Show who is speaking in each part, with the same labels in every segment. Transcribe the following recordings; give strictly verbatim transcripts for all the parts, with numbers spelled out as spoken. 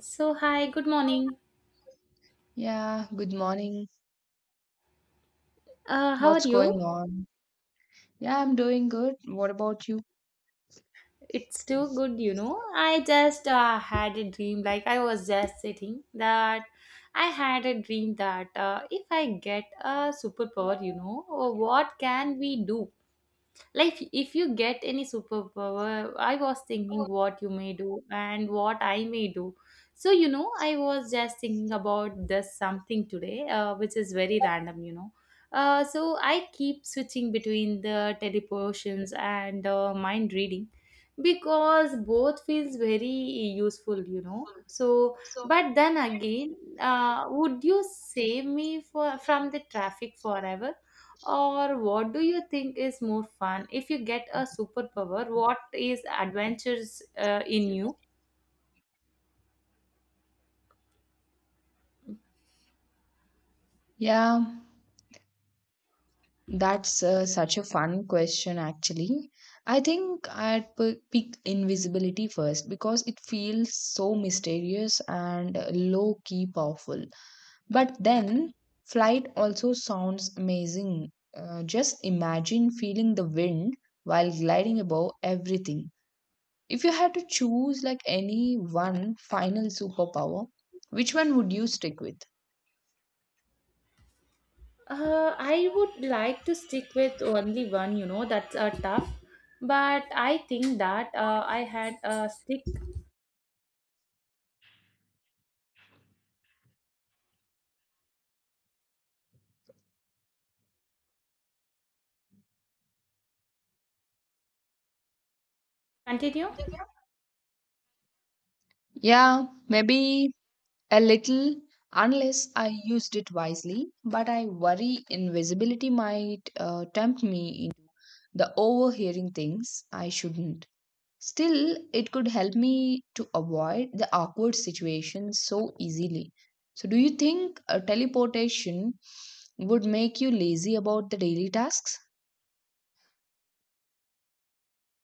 Speaker 1: So, hi, good morning.
Speaker 2: Yeah, good morning.
Speaker 1: Uh, how are
Speaker 2: What's going
Speaker 1: you?
Speaker 2: on? Yeah, I'm doing good. What about you?
Speaker 1: It's too good, you know. I just uh, had a dream, like I was just sitting that I had a dream that uh, if I get a superpower, you know, uh, what can we do? Like if you get any superpower, I was thinking what you may do and what I may do. So you know, I was just thinking about this something today, uh, which is very random, you know. Uh, so I keep switching between the teleportations and uh, mind reading, because both feels very useful, you know. So but then again, uh, would you save me for from the traffic forever, or what do you think is more fun? If you get a superpower, what is adventures uh, in you?
Speaker 2: Yeah, that's uh, such a fun question, actually. I think I'd p pick invisibility first because it feels so mysterious and low key powerful. But then, flight also sounds amazing. Uh, just imagine feeling the wind while gliding above everything. If you had to choose like any one final superpower, which one would you stick with?
Speaker 1: Uh, I would like to stick with only one, you know, that's uh, tough. But I think that uh, I had a stick. Continue.
Speaker 2: Yeah, maybe a little, unless I used it wisely, but I worry invisibility might uh, tempt me into the overhearing things I shouldn't. Still, it could help me to avoid the awkward situations so easily. So, do you think uh, teleportation would make you lazy about the daily tasks?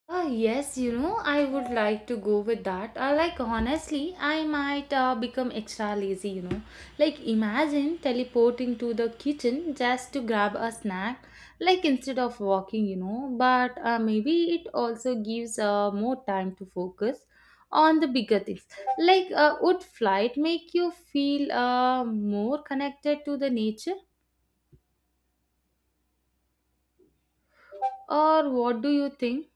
Speaker 1: Uh, yes, you know, I would like to go with that. Uh, like, honestly, I might uh, become extra lazy, you know. Like, imagine teleporting to the kitchen just to grab a snack, like, instead of walking, you know. But uh, maybe it also gives uh, more time to focus on the bigger things. Like, uh, would flight make you feel uh, more connected to the nature, or what do you think?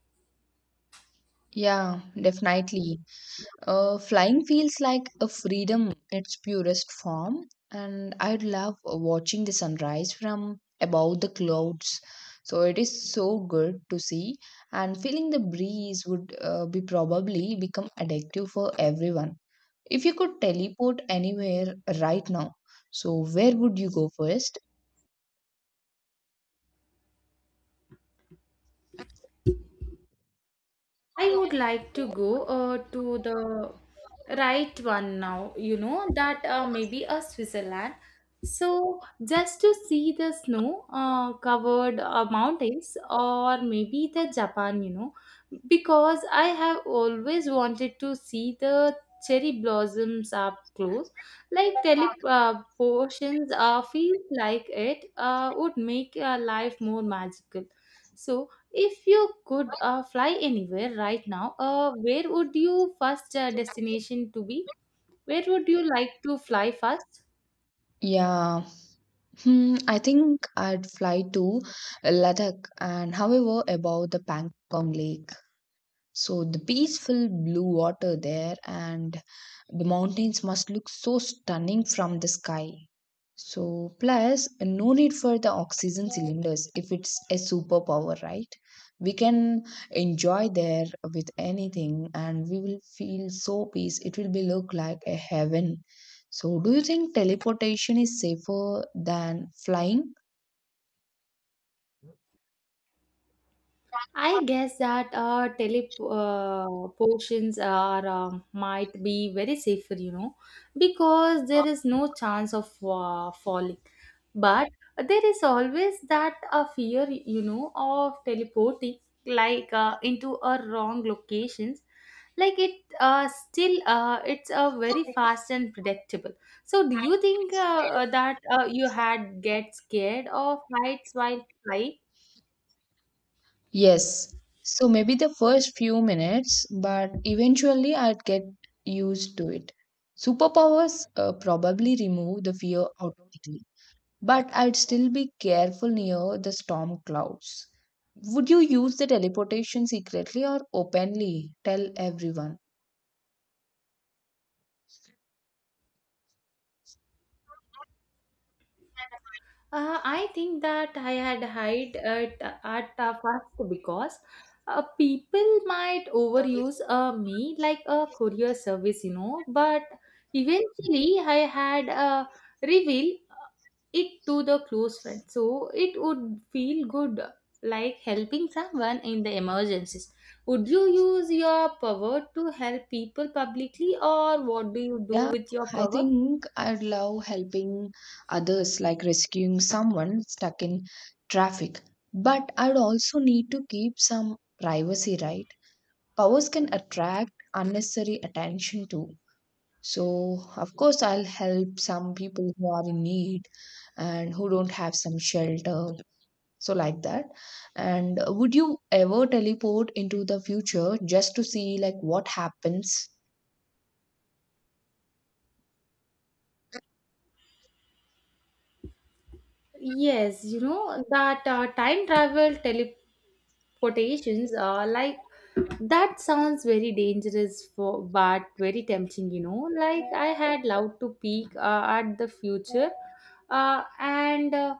Speaker 2: Yeah, definitely. Uh, flying feels like a freedom in its purest form, and I love watching the sunrise from above the clouds. So it is so good to see, and feeling the breeze would uh, be probably become addictive for everyone. If you could teleport anywhere right now, so where would you go first?
Speaker 1: I would like to go uh, to the right one now, you know, that uh, maybe a Switzerland. So, just to see the snow uh, covered uh, mountains, or maybe the Japan, you know, because I have always wanted to see the cherry blossoms up close. Like teleportations uh, feels like it uh, would make uh, life more magical. So, if you could uh, fly anywhere right now, uh, where would you first uh, destination to be? Where would you like to fly first?
Speaker 2: Yeah, hmm, I think I'd fly to Ladakh and however about the Pangong Lake. So the peaceful blue water there and the mountains must look so stunning from the sky. So plus no need for the oxygen cylinders if it's a superpower, right? We can enjoy there with anything and we will feel so peace. It will be look like a heaven. So do you think teleportation is safer than flying?
Speaker 1: I guess that uh, teleportations are um, might be very safer, you know, because there is no chance of uh, falling. But there is always that uh, fear, you know, of teleporting like uh, into a wrong locations. Like it uh, still uh, it's a uh, very fast and predictable. So do you think uh, uh, that uh, you had get scared of heights while flying?
Speaker 2: Yes. So maybe the first few minutes, but eventually I'd get used to it. Superpowers uh, probably remove the fear automatically, but I'd still be careful near the storm clouds. Would you use the teleportation secretly or openly? Tell everyone.
Speaker 1: Uh, I think that I had hide at, at uh, first, because uh, people might overuse uh, me like a courier service, you know. But eventually, I had uh, reveal uh, it to the close friend, so it would feel good, like helping someone in the emergencies. Would you use your power to help people publicly, or what do you do
Speaker 2: Yeah,
Speaker 1: with your
Speaker 2: I
Speaker 1: power?
Speaker 2: think I'd love helping others, like rescuing someone stuck in traffic. But I'd also need to keep some privacy, right? Powers can attract unnecessary attention too. So, of course, I'll help some people who are in need and who don't have some shelter. So, like that. And uh, would you ever teleport into the future just to see like what happens?
Speaker 1: Yes, you know that uh, time travel tele quotations uh, like that sounds very dangerous for, but very tempting, you know. Like I had loved to peek uh, at the future, uh, and uh,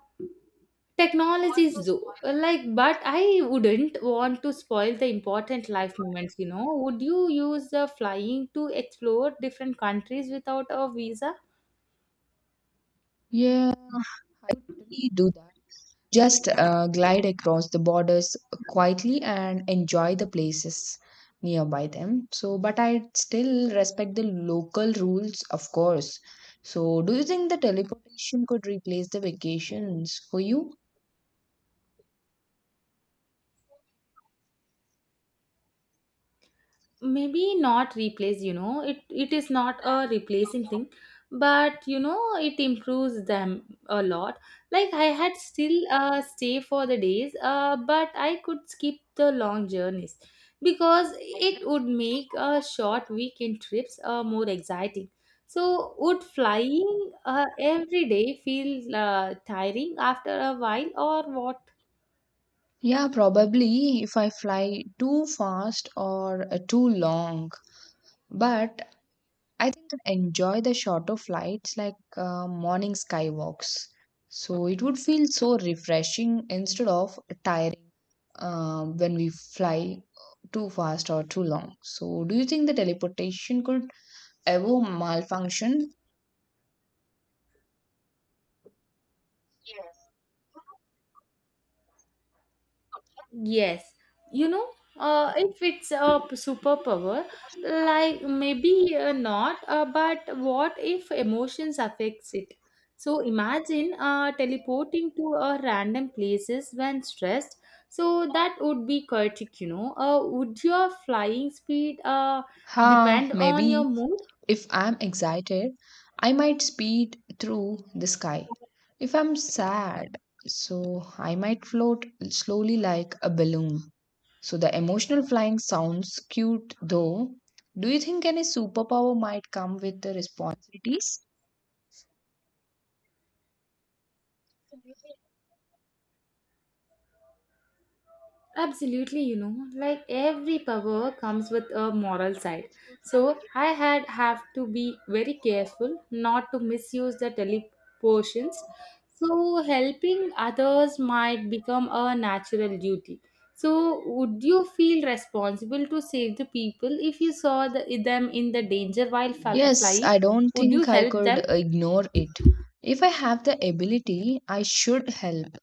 Speaker 1: technologies do, like, but I wouldn't want to spoil the important life moments, you know. Would you use the flying to explore different countries without a visa?
Speaker 2: Yeah, I would totally do that. Just uh, glide across the borders quietly and enjoy the places nearby them. So, but I still respect the local rules, of course. So, do you think the teleportation could replace the vacations for you?
Speaker 1: Maybe not replace, you know. It it is not a replacing thing, but you know, it improves them a lot. Like I had still uh, stay for the days, uh, but I could skip the long journeys, because it would make uh, short weekend trips uh, more exciting. So would flying uh, every day feel uh, tiring after a while, or what?
Speaker 2: Yeah, probably if I fly too fast or uh, too long. But I think I enjoy the shorter flights like uh, morning skywalks. So it would feel so refreshing instead of tiring um, when we fly too fast or too long. So do you think the teleportation could ever malfunction?
Speaker 1: Yes, you know, uh, if it's a p- superpower, like maybe uh, not, uh, but what if emotions affects it? So imagine uh, teleporting to a random places when stressed. So that would be chaotic, you know. Uh, would your flying speed uh,
Speaker 2: Ha,
Speaker 1: depend on your
Speaker 2: maybe.
Speaker 1: mood?
Speaker 2: If I'm excited, I might speed through the sky. If I'm sad, so I might float slowly like a balloon. So the emotional flying sounds cute though. Do you think any superpower might come with the responsibilities?
Speaker 1: Absolutely, you know, like every power comes with a moral side. So I had have to be very careful not to misuse the teleportions. So helping others might become a natural duty. So would you feel responsible to save the people if you saw the, them in the danger while fl-
Speaker 2: Yes,
Speaker 1: flying?
Speaker 2: I don't
Speaker 1: Would you
Speaker 2: think I
Speaker 1: help
Speaker 2: could
Speaker 1: them?
Speaker 2: ignore it. If I have the ability, I should help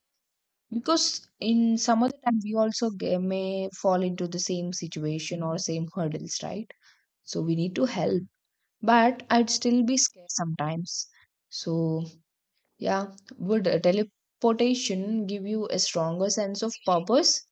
Speaker 2: because in some of the time we also ge- may fall into the same situation or same hurdles, right? So we need to help, but I'd still be scared sometimes. So, yeah, would uh, teleportation give you a stronger sense of purpose?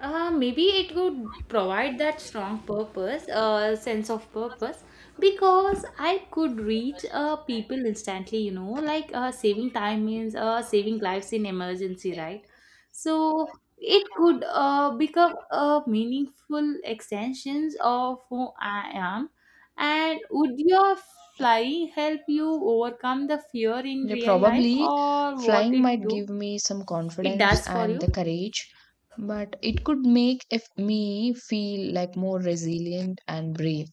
Speaker 1: Uh, maybe it would provide that strong purpose, uh, sense of purpose, because I could reach uh, people instantly, you know, like uh, saving time means uh, saving lives in emergency, right? So it could uh, become a meaningful extensions of who I am. And would your flying help you overcome the fear in
Speaker 2: Yeah,
Speaker 1: real life,
Speaker 2: probably
Speaker 1: or what
Speaker 2: flying
Speaker 1: it
Speaker 2: might
Speaker 1: do?
Speaker 2: give me some
Speaker 1: It
Speaker 2: confidence
Speaker 1: does for
Speaker 2: and
Speaker 1: you?
Speaker 2: the courage, but it could make if me feel like more resilient and brave.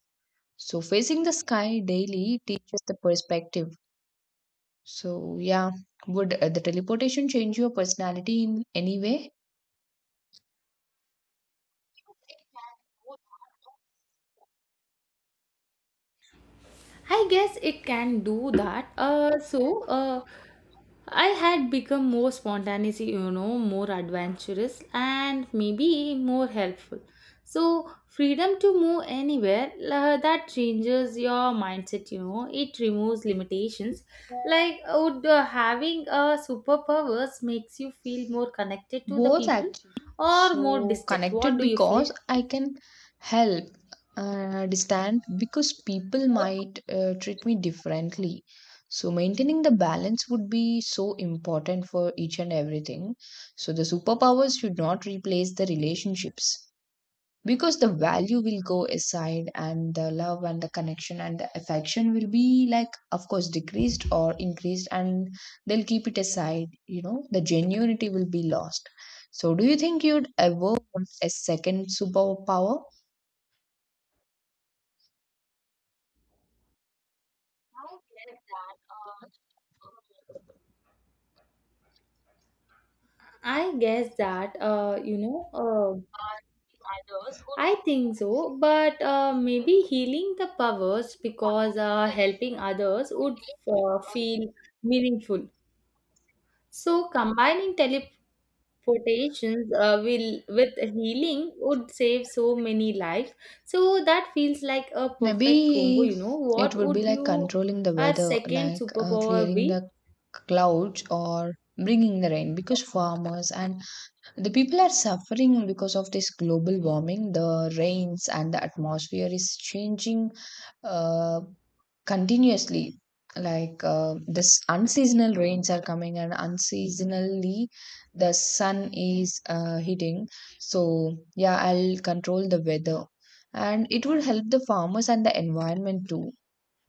Speaker 2: So facing the sky daily teaches the perspective. So, yeah, would uh, the teleportation change your personality in any way?
Speaker 1: I guess it can do that. Uh, so, uh, I had become more spontaneous, you know, more adventurous, and maybe more helpful. So, freedom to move anywhere, uh, that changes your mindset, you know, it removes limitations. Like, would uh, having a superpowers makes you feel more connected to the
Speaker 2: Both
Speaker 1: people
Speaker 2: actually.
Speaker 1: or more
Speaker 2: So
Speaker 1: distant? What
Speaker 2: connected
Speaker 1: do you feel?
Speaker 2: because I can help, uh, distant because people might uh, treat me differently. So maintaining the balance would be so important for each and everything. So the superpower should not replace the relationships because the value will go aside and the love and the connection and the affection will be like of course decreased or increased and they'll keep it aside, you know, the genuinity will be lost. So do you think you'd ever want a second superpower?
Speaker 1: I guess that, uh, you know, uh, I think so, but uh, maybe healing the powers, because uh, helping others would uh, feel meaningful. So combining teleportations uh, will with healing would save so many lives. So that feels like a perfect combo.
Speaker 2: Maybe
Speaker 1: You know,
Speaker 2: it
Speaker 1: what
Speaker 2: would be
Speaker 1: would
Speaker 2: like
Speaker 1: you
Speaker 2: controlling the
Speaker 1: our
Speaker 2: weather,
Speaker 1: second
Speaker 2: like uh,
Speaker 1: superpower
Speaker 2: clearing
Speaker 1: be?
Speaker 2: the clouds or bringing the rain because farmers and the people are suffering because of this global warming. The rains and the atmosphere is changing uh, continuously. Like uh, this unseasonal rains are coming, and unseasonally the sun is uh, hitting. So yeah, I'll control the weather, and it would help the farmers and the environment too.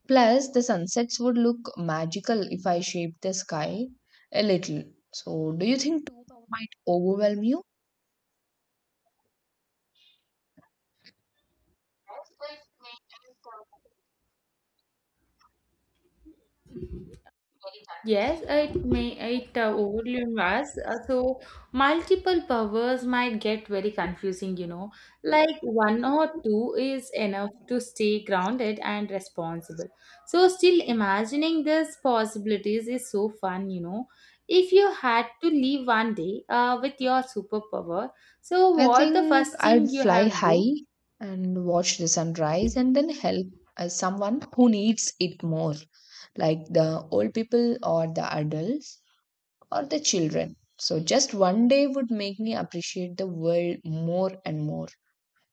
Speaker 2: Plus, the sunsets would look magical if I shape the sky a little. So, do you think too might overwhelm you?
Speaker 1: Yes, it may it uh, overwhelm us. Uh, so multiple powers might get very confusing, you know. Like one or two is enough to stay grounded and responsible. So still imagining these possibilities is so fun, you know. If you had to leave one day uh, with your superpower, so
Speaker 2: I
Speaker 1: what the
Speaker 2: think
Speaker 1: first thing
Speaker 2: I'd
Speaker 1: you
Speaker 2: fly
Speaker 1: have to
Speaker 2: high
Speaker 1: do?
Speaker 2: and watch the sunrise and then help uh, someone who needs it more, like the old people or the adults or the children. So, just one day would make me appreciate the world more and more.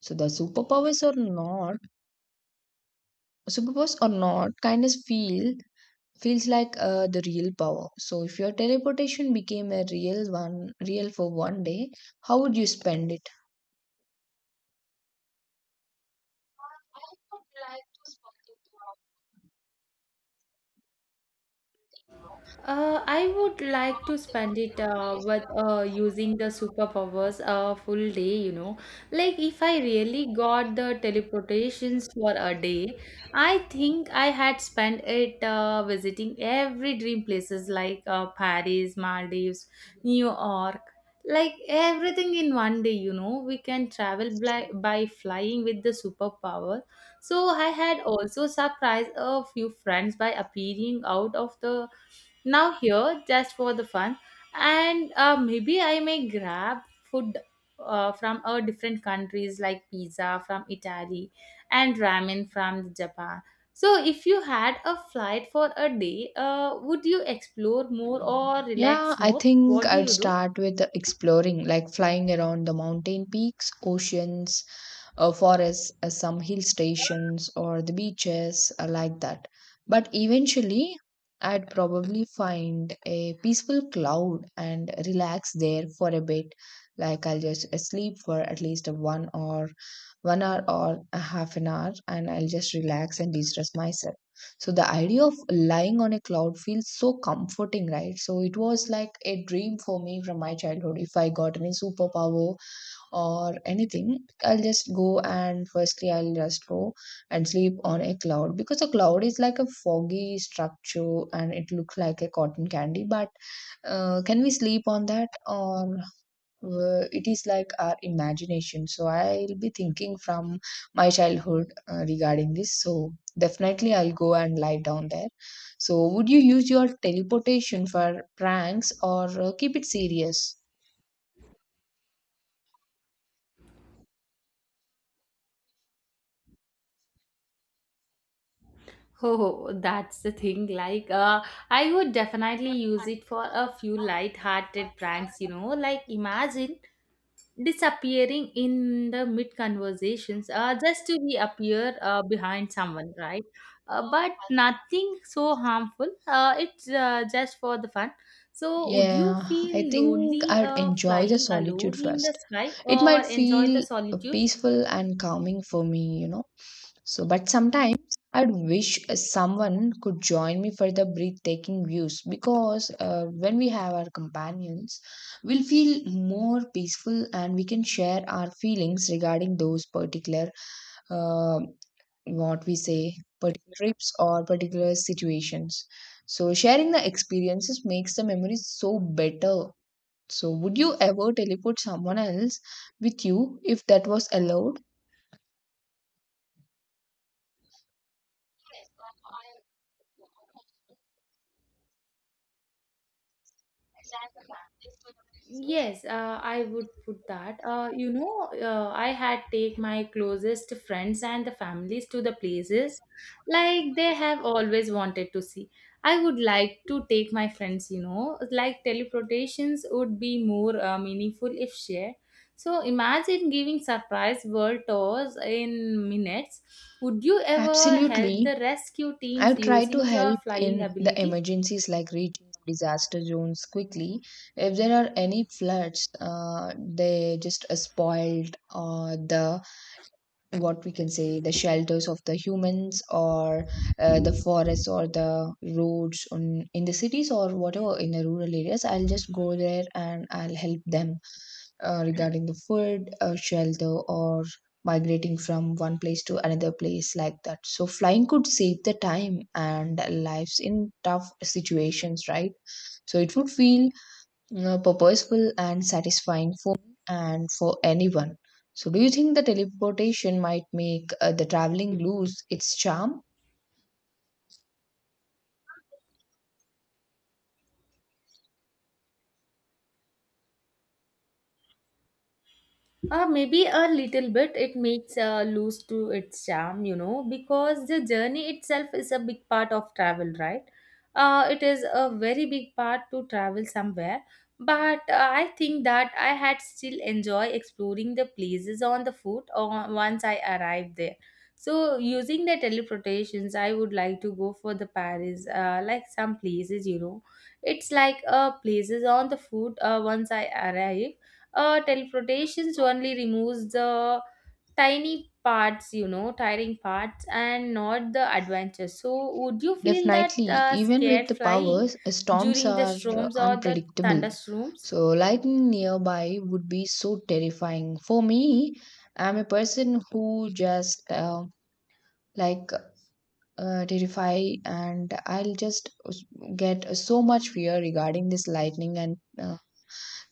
Speaker 2: So, the superpowers or not, superpowers or not, kindness feel feels like uh, the real power. So, if your teleportation became a real one, real for one day, how would you spend it?
Speaker 1: Uh, I would like to spend it uh, with uh, using the superpowers a full day, you know. Like, if I really got the teleportations for a day, I think I had spent it uh, visiting every dream places like uh, Paris, Maldives, New York. Like, everything in one day, you know. We can travel by, by flying with the superpower. So, I had also surprised a few friends by appearing out of the now here just for the fun, and uh, maybe I may grab food uh, from uh, different countries, like pizza from Italy and ramen from Japan. So if you had a flight for a day, uh, would you explore more or
Speaker 2: Yeah,
Speaker 1: relax
Speaker 2: I
Speaker 1: more?
Speaker 2: think
Speaker 1: What do
Speaker 2: I'd
Speaker 1: you do?
Speaker 2: start with exploring, like flying around the mountain peaks, oceans, uh, forests, uh, some hill stations, or the beaches, uh, like that. But eventually, I'd probably find a peaceful cloud and relax there for a bit. Like I'll just uh, sleep for at least a one or one hour or a half an hour, and I'll just relax and de-stress myself. So the idea of lying on a cloud feels so comforting, right? So it was like a dream for me from my childhood. If I got any superpower, or anything, I'll just go and firstly I'll just go and sleep on a cloud because a cloud is like a foggy structure and it looks like a cotton candy. But uh, can we sleep on that or uh, it is like our imagination? So I'll be thinking from my childhood uh, regarding this. So definitely I'll go and lie down there. So would you use your teleportation for pranks or uh, keep it serious?
Speaker 1: Oh, that's the thing. Like, uh, I would definitely use it for a few light-hearted pranks, you know. Like, imagine disappearing in the mid conversations, uh, just to reappear uh, behind someone right, uh, but nothing so harmful, uh, it's uh, just for the fun. So would you
Speaker 2: Yeah, I
Speaker 1: feel
Speaker 2: think
Speaker 1: lonely
Speaker 2: I'd
Speaker 1: uh,
Speaker 2: enjoy the
Speaker 1: flying
Speaker 2: solitude
Speaker 1: alone in the
Speaker 2: first.
Speaker 1: sky,
Speaker 2: It
Speaker 1: or
Speaker 2: might
Speaker 1: enjoy the
Speaker 2: feel
Speaker 1: solitude?
Speaker 2: peaceful and calming for me, you know. So, but sometimes I'd wish someone could join me for the breathtaking views because uh, when we have our companions, we'll feel more peaceful and we can share our feelings regarding those particular uh, what we say particular trips or particular situations. So sharing the experiences makes the memories so better. So would you ever teleport someone else with you if that was allowed?
Speaker 1: Yes, uh, I would put that. Uh, you know, uh, I had take my closest friends and the families to the places like they have always wanted to see. I would like to take my friends, you know, like teleportations would be more uh, meaningful if shared. So imagine giving surprise world tours in minutes. Would you ever help
Speaker 2: Absolutely,
Speaker 1: the rescue teams
Speaker 2: I've tried to
Speaker 1: using your
Speaker 2: help
Speaker 1: flying
Speaker 2: in the
Speaker 1: ability?
Speaker 2: emergencies, like reaching disaster zones quickly if there are any floods. Uh, they just uh, spoiled uh, the what we can say the shelters of the humans or uh, the forests or the roads on, in the cities or whatever in the rural areas. I'll just go there and I'll help them uh, regarding the food, uh, shelter or migrating from one place to another place, like that. So flying could save the time and lives in tough situations, right? So it would feel uh, purposeful and satisfying for me and for anyone. So, do you think the teleportation might make uh, the traveling lose its charm?
Speaker 1: Uh, maybe a little bit. It makes uh, lose to its charm, you know, because the journey itself is a big part of travel, right? Uh, it is a very big part to travel somewhere. But uh, I think that I had still enjoy exploring the places on the foot, or once I arrived there. So using the teleportations, I would like to go for the Paris, uh, like some places, you know. It's like uh, places on the foot uh, once I arrive. Uh, teleportations only removes the tiny parts, you know, tiring parts, and not the adventure. So would you feel that
Speaker 2: Definitely,
Speaker 1: uh,
Speaker 2: even with
Speaker 1: scared
Speaker 2: the
Speaker 1: flying
Speaker 2: powers, uh, storms
Speaker 1: during the
Speaker 2: are uh,
Speaker 1: storms or the
Speaker 2: unpredictable.
Speaker 1: thunderstorms?
Speaker 2: So, lightning nearby would be so terrifying. For me, I'm a person who just uh, like uh, terrify, and I'll just get uh, so much fear regarding this lightning and uh,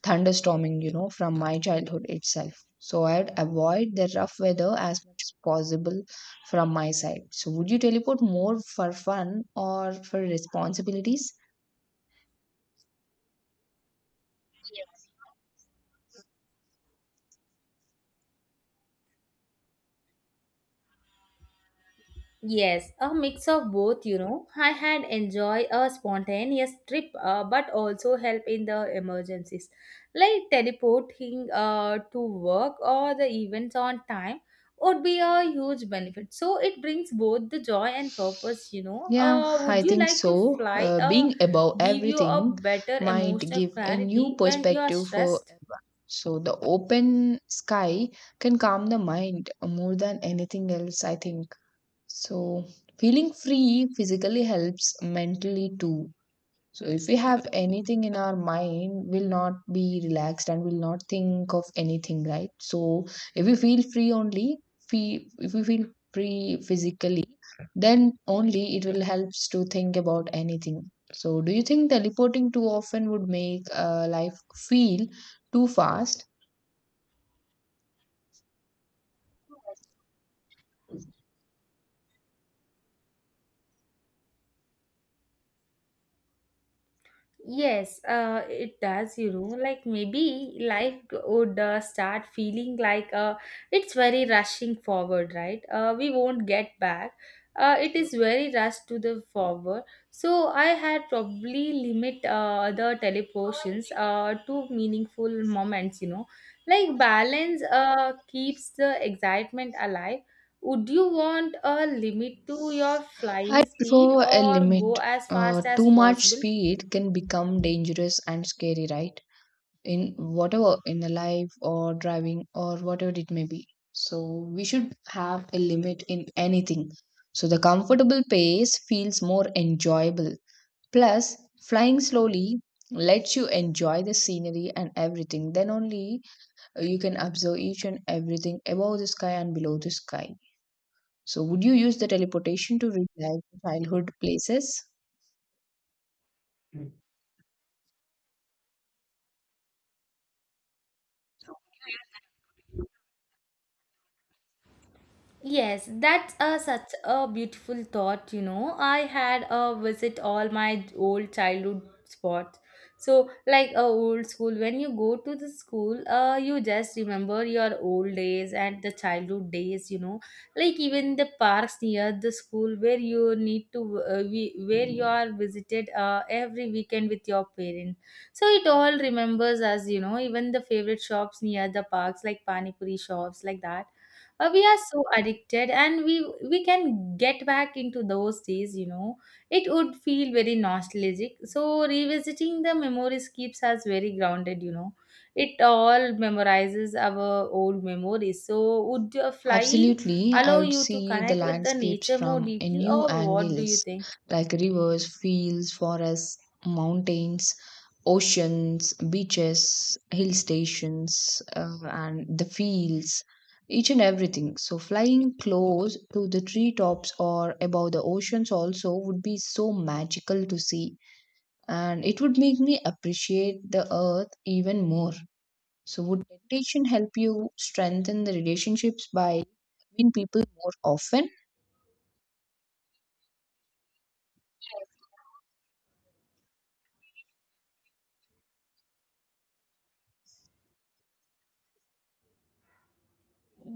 Speaker 2: thunderstorming, you know, from my childhood itself. So I'd avoid the rough weather as much as possible from my side. So would you teleport more for fun or for responsibilities?
Speaker 1: Yes, a mix of both, you know. I had enjoy a spontaneous trip, uh, but also help in the emergencies, like teleporting uh, to work or the events on time would be a huge benefit. So it brings both the joy and purpose, you know.
Speaker 2: Yeah,
Speaker 1: Uh,
Speaker 2: I
Speaker 1: would you
Speaker 2: think
Speaker 1: like to
Speaker 2: so.
Speaker 1: fly
Speaker 2: Uh,
Speaker 1: uh,
Speaker 2: being above
Speaker 1: give you a
Speaker 2: everything
Speaker 1: better
Speaker 2: might
Speaker 1: emotional
Speaker 2: give a new
Speaker 1: clarity when you are
Speaker 2: perspective for
Speaker 1: stressed?
Speaker 2: so the open sky can calm the mind more than anything else, I think. So feeling free physically helps mentally too. So if we have anything in our mind, we'll not be relaxed and we'll not think of anything, right? So if we feel free only, fe- if we feel free physically, then only it will helps to think about anything. So do you think teleporting too often would make uh, life feel too fast?
Speaker 1: Yes, uh, it does, you know. Like maybe life would uh, start feeling like uh, it's very rushing forward, right? Uh, we won't get back. Uh, it is very rushed to the forward. So I had probably limit uh, the teleportions uh, to meaningful moments, you know. Like balance uh, keeps the excitement alive. Would you want a limit to your flying
Speaker 2: I
Speaker 1: speed,
Speaker 2: prefer a
Speaker 1: or go
Speaker 2: limit.
Speaker 1: as
Speaker 2: Uh,
Speaker 1: fast as
Speaker 2: too much
Speaker 1: possible?
Speaker 2: speed can become dangerous and scary, right? In whatever in the life or driving or whatever it may be, so we should have a limit in anything. So the comfortable pace feels more enjoyable. Plus flying slowly lets you enjoy the scenery and everything, then only uh, you can observe each and everything above the sky and below the sky. So would you use the teleportation to relive childhood places?
Speaker 1: Yes, that's a, such a beautiful thought, you know. I had a visit all my old childhood spots. So, like a old school, when you go to the school, uh, you just remember your old days and the childhood days, you know. Like even the parks near the school where you need to, uh, we, where you are visited uh, every weekend with your parents. So it all remembers us, you know. Even the favorite shops near the parks, like pani puri shops, like that, uh, we are so addicted, and we we can get back into those days, you know. It would feel very nostalgic. So revisiting the memories keeps us very grounded, you know. It all memorizes our old memories. So would uh, flying
Speaker 2: Absolutely, I
Speaker 1: allow
Speaker 2: would
Speaker 1: you to
Speaker 2: see the
Speaker 1: connect with the
Speaker 2: landscapes
Speaker 1: nature more
Speaker 2: from a
Speaker 1: deeply,
Speaker 2: new
Speaker 1: or what do you
Speaker 2: angles,
Speaker 1: think?
Speaker 2: like rivers, fields, forests, mountains, oceans, beaches, hill stations, uh, and the fields, each and everything. So, flying close to the treetops or above the oceans also would be so magical to see, and it would make me appreciate the earth even more. So, would meditation help you strengthen the relationships by meeting people more often?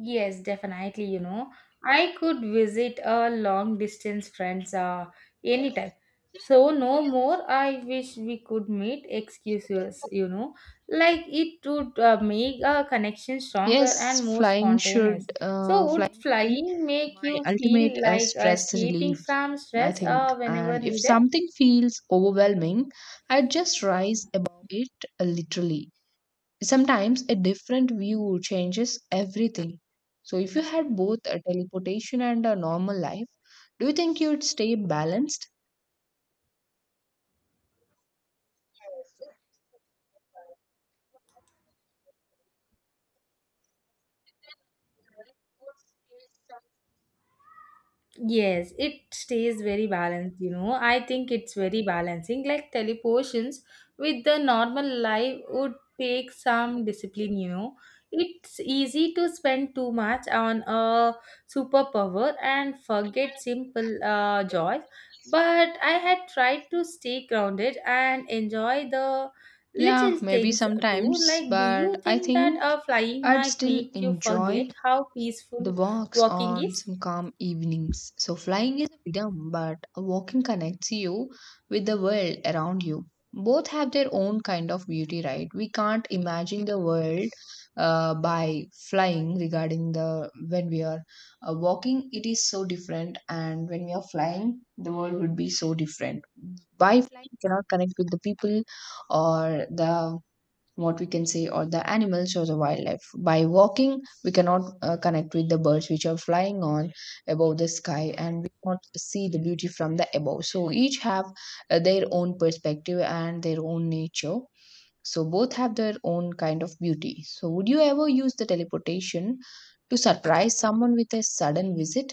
Speaker 1: Yes, definitely. You know, I could visit a long distance friends, uh, anytime. So no more. I wish we could meet excuses. You know, like it would uh, make a connection stronger
Speaker 2: Yes,
Speaker 1: and more
Speaker 2: flying
Speaker 1: spontaneous.
Speaker 2: should uh,
Speaker 1: So would
Speaker 2: flying be
Speaker 1: flying make
Speaker 2: my
Speaker 1: you
Speaker 2: ultimate
Speaker 1: feel
Speaker 2: uh,
Speaker 1: like
Speaker 2: stress relief,
Speaker 1: escaping from
Speaker 2: I
Speaker 1: stress
Speaker 2: think.
Speaker 1: uh, whenever
Speaker 2: And if
Speaker 1: needed?
Speaker 2: something feels overwhelming, I just rise above it uh, literally. Sometimes a different view changes everything. So, if you had both a teleportation and a normal life, do you think you'd stay balanced?
Speaker 1: Yes, it stays very balanced, you know. I think it's very balancing. Like teleportations with the normal life would take some discipline, you know. It's easy to spend too much on a superpower and forget simple uh, joys. But I had tried to stay grounded and enjoy the
Speaker 2: Yeah,
Speaker 1: little
Speaker 2: maybe
Speaker 1: things too.
Speaker 2: sometimes,
Speaker 1: Like, do you
Speaker 2: but I
Speaker 1: think that
Speaker 2: think
Speaker 1: uh, flying
Speaker 2: I'd
Speaker 1: might
Speaker 2: still
Speaker 1: make you
Speaker 2: enjoy
Speaker 1: forget how
Speaker 2: the
Speaker 1: peaceful
Speaker 2: walks
Speaker 1: walking
Speaker 2: on
Speaker 1: is?
Speaker 2: some calm evenings. So flying is a freedom, but walking connects you with the world around you. Both have their own kind of beauty, right? We can't imagine the world uh, by flying. Regarding the when we are uh, walking, it is so different, and when we are flying, the world would be so different. By flying, you cannot connect with the people or the what we can say or the animals or the wildlife. By walking, we cannot uh, connect with the birds which are flying on above the sky, and we cannot see the beauty from the above. So each have uh, their own perspective and their own nature. So both have their own kind of beauty. So would you ever use the teleportation to surprise someone with a sudden visit?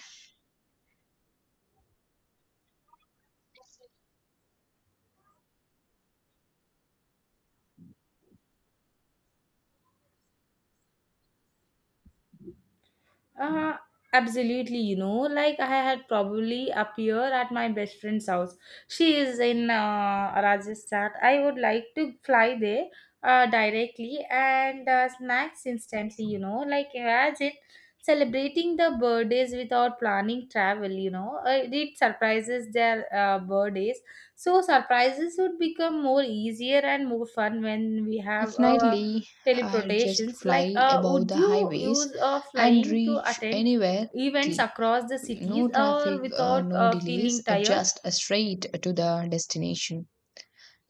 Speaker 1: Uh, Absolutely, you know, like I had probably appear at my best friend's house. She is in uh, Rajasthan. I would like to fly there uh, directly and uh, snacks instantly, you know, like imagine celebrating the birthdays without planning travel, you know. Uh, it surprises their uh, birthdays. So surprises would become more easier and more fun when we have a
Speaker 2: Definitely, I just
Speaker 1: teleportations. Like,
Speaker 2: fly
Speaker 1: uh,
Speaker 2: above
Speaker 1: would
Speaker 2: the
Speaker 1: you
Speaker 2: highways
Speaker 1: use uh,
Speaker 2: and
Speaker 1: flying to
Speaker 2: reach
Speaker 1: attend
Speaker 2: anywhere
Speaker 1: events
Speaker 2: quickly.
Speaker 1: across the cities,
Speaker 2: No
Speaker 1: or
Speaker 2: traffic, uh,
Speaker 1: without
Speaker 2: no
Speaker 1: uh,
Speaker 2: delays,
Speaker 1: feeling
Speaker 2: uh,
Speaker 1: tired?
Speaker 2: just uh, straight to the destination.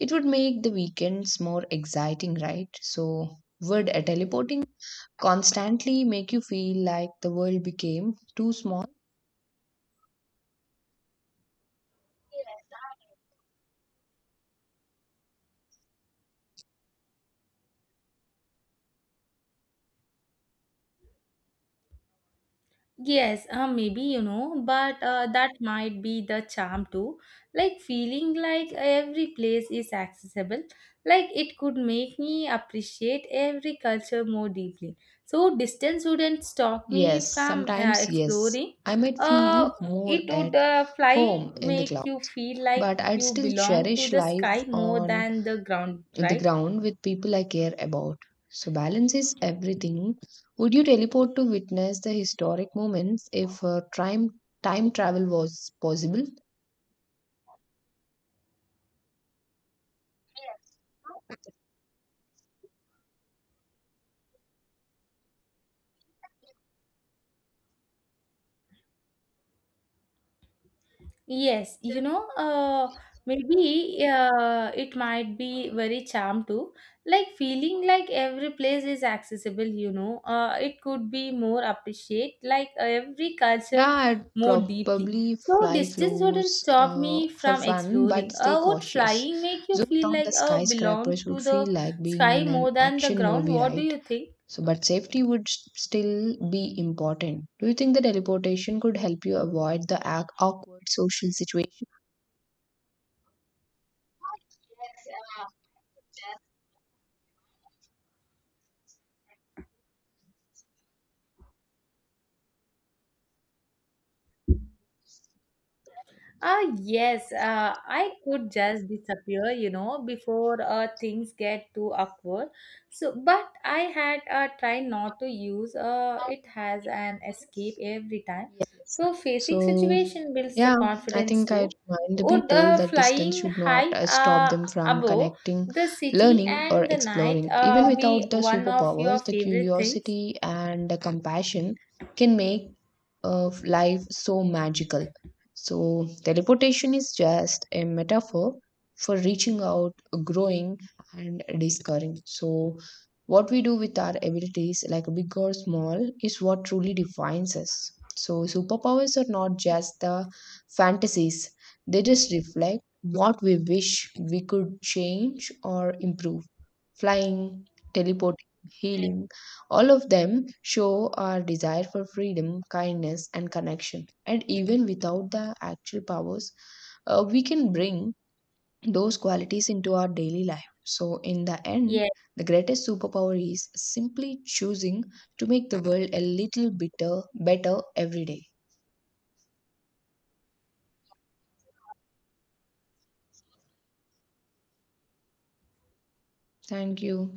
Speaker 2: It would make the weekends more exciting, right? So, would uh, teleporting constantly make you feel like the world became too small?
Speaker 1: Yes, uh, maybe you know, but uh, that might be the charm too. Like feeling like every place is accessible, like it could make me appreciate every culture more deeply. So distance wouldn't stop me
Speaker 2: Yes,
Speaker 1: from uh,
Speaker 2: sometimes yes.
Speaker 1: exploring.
Speaker 2: I might feel
Speaker 1: Uh,
Speaker 2: more
Speaker 1: it would
Speaker 2: at
Speaker 1: uh, fly
Speaker 2: home in the
Speaker 1: make you
Speaker 2: clouds,
Speaker 1: feel like
Speaker 2: but I'd
Speaker 1: you
Speaker 2: still
Speaker 1: belong to
Speaker 2: cherish
Speaker 1: the
Speaker 2: life
Speaker 1: sky more
Speaker 2: on
Speaker 1: than the ground,
Speaker 2: the
Speaker 1: right?
Speaker 2: ground with people I care about. So, balance is everything. Would you teleport to witness the historic moments if uh, time, time travel was possible?
Speaker 1: Yes, you know, uh, maybe uh, it might be very charm too. Like feeling like every place is accessible, you know, uh, it could be more appreciate like every culture
Speaker 2: Yeah, I'd
Speaker 1: more deeply.
Speaker 2: probably
Speaker 1: So
Speaker 2: fly
Speaker 1: distance wouldn't
Speaker 2: close
Speaker 1: stop
Speaker 2: uh,
Speaker 1: me
Speaker 2: for
Speaker 1: from
Speaker 2: fun, but
Speaker 1: exploring.
Speaker 2: stay
Speaker 1: Uh, would
Speaker 2: cautious.
Speaker 1: flying make you
Speaker 2: Zooming
Speaker 1: feel
Speaker 2: on
Speaker 1: like
Speaker 2: the
Speaker 1: uh,
Speaker 2: skyscrapers
Speaker 1: belong
Speaker 2: would
Speaker 1: to the
Speaker 2: feel like being
Speaker 1: sky
Speaker 2: in an
Speaker 1: more than the
Speaker 2: action
Speaker 1: ground?
Speaker 2: movie,
Speaker 1: What do
Speaker 2: right?
Speaker 1: you think?
Speaker 2: So, but safety would s- still be important. Do you think the teleportation could help you avoid the ac- awkward social situation?
Speaker 1: Ah, yes, uh, I could just disappear, you know, before uh, things get too awkward. So, but I had uh, tried not to use uh, it as an escape every time. So, facing
Speaker 2: So,
Speaker 1: situation builds the
Speaker 2: yeah, I
Speaker 1: confidence
Speaker 2: think I
Speaker 1: too.
Speaker 2: remind the
Speaker 1: Would
Speaker 2: people
Speaker 1: uh,
Speaker 2: that distance
Speaker 1: flying
Speaker 2: should not
Speaker 1: high
Speaker 2: uh, stop
Speaker 1: uh,
Speaker 2: them from
Speaker 1: above
Speaker 2: connecting,
Speaker 1: the city
Speaker 2: learning, or
Speaker 1: and the night
Speaker 2: exploring. Even
Speaker 1: uh, be
Speaker 2: without the
Speaker 1: one of your
Speaker 2: superpowers, the
Speaker 1: favorite things?
Speaker 2: curiosity and the compassion can make of life so magical. So, teleportation is just a metaphor for reaching out, growing, and discovering. So, what we do with our abilities, like big or small, is what truly defines us. So, superpowers are not just the fantasies, they just reflect what we wish we could change or improve. Flying, teleporting, healing, all of them show our desire for freedom, kindness, and connection. And even without the actual powers, uh, we can bring those qualities into our daily life. So, in the end,
Speaker 1: Yes.
Speaker 2: the greatest superpower is simply choosing to make the world a little bitter, better every day. Thank you.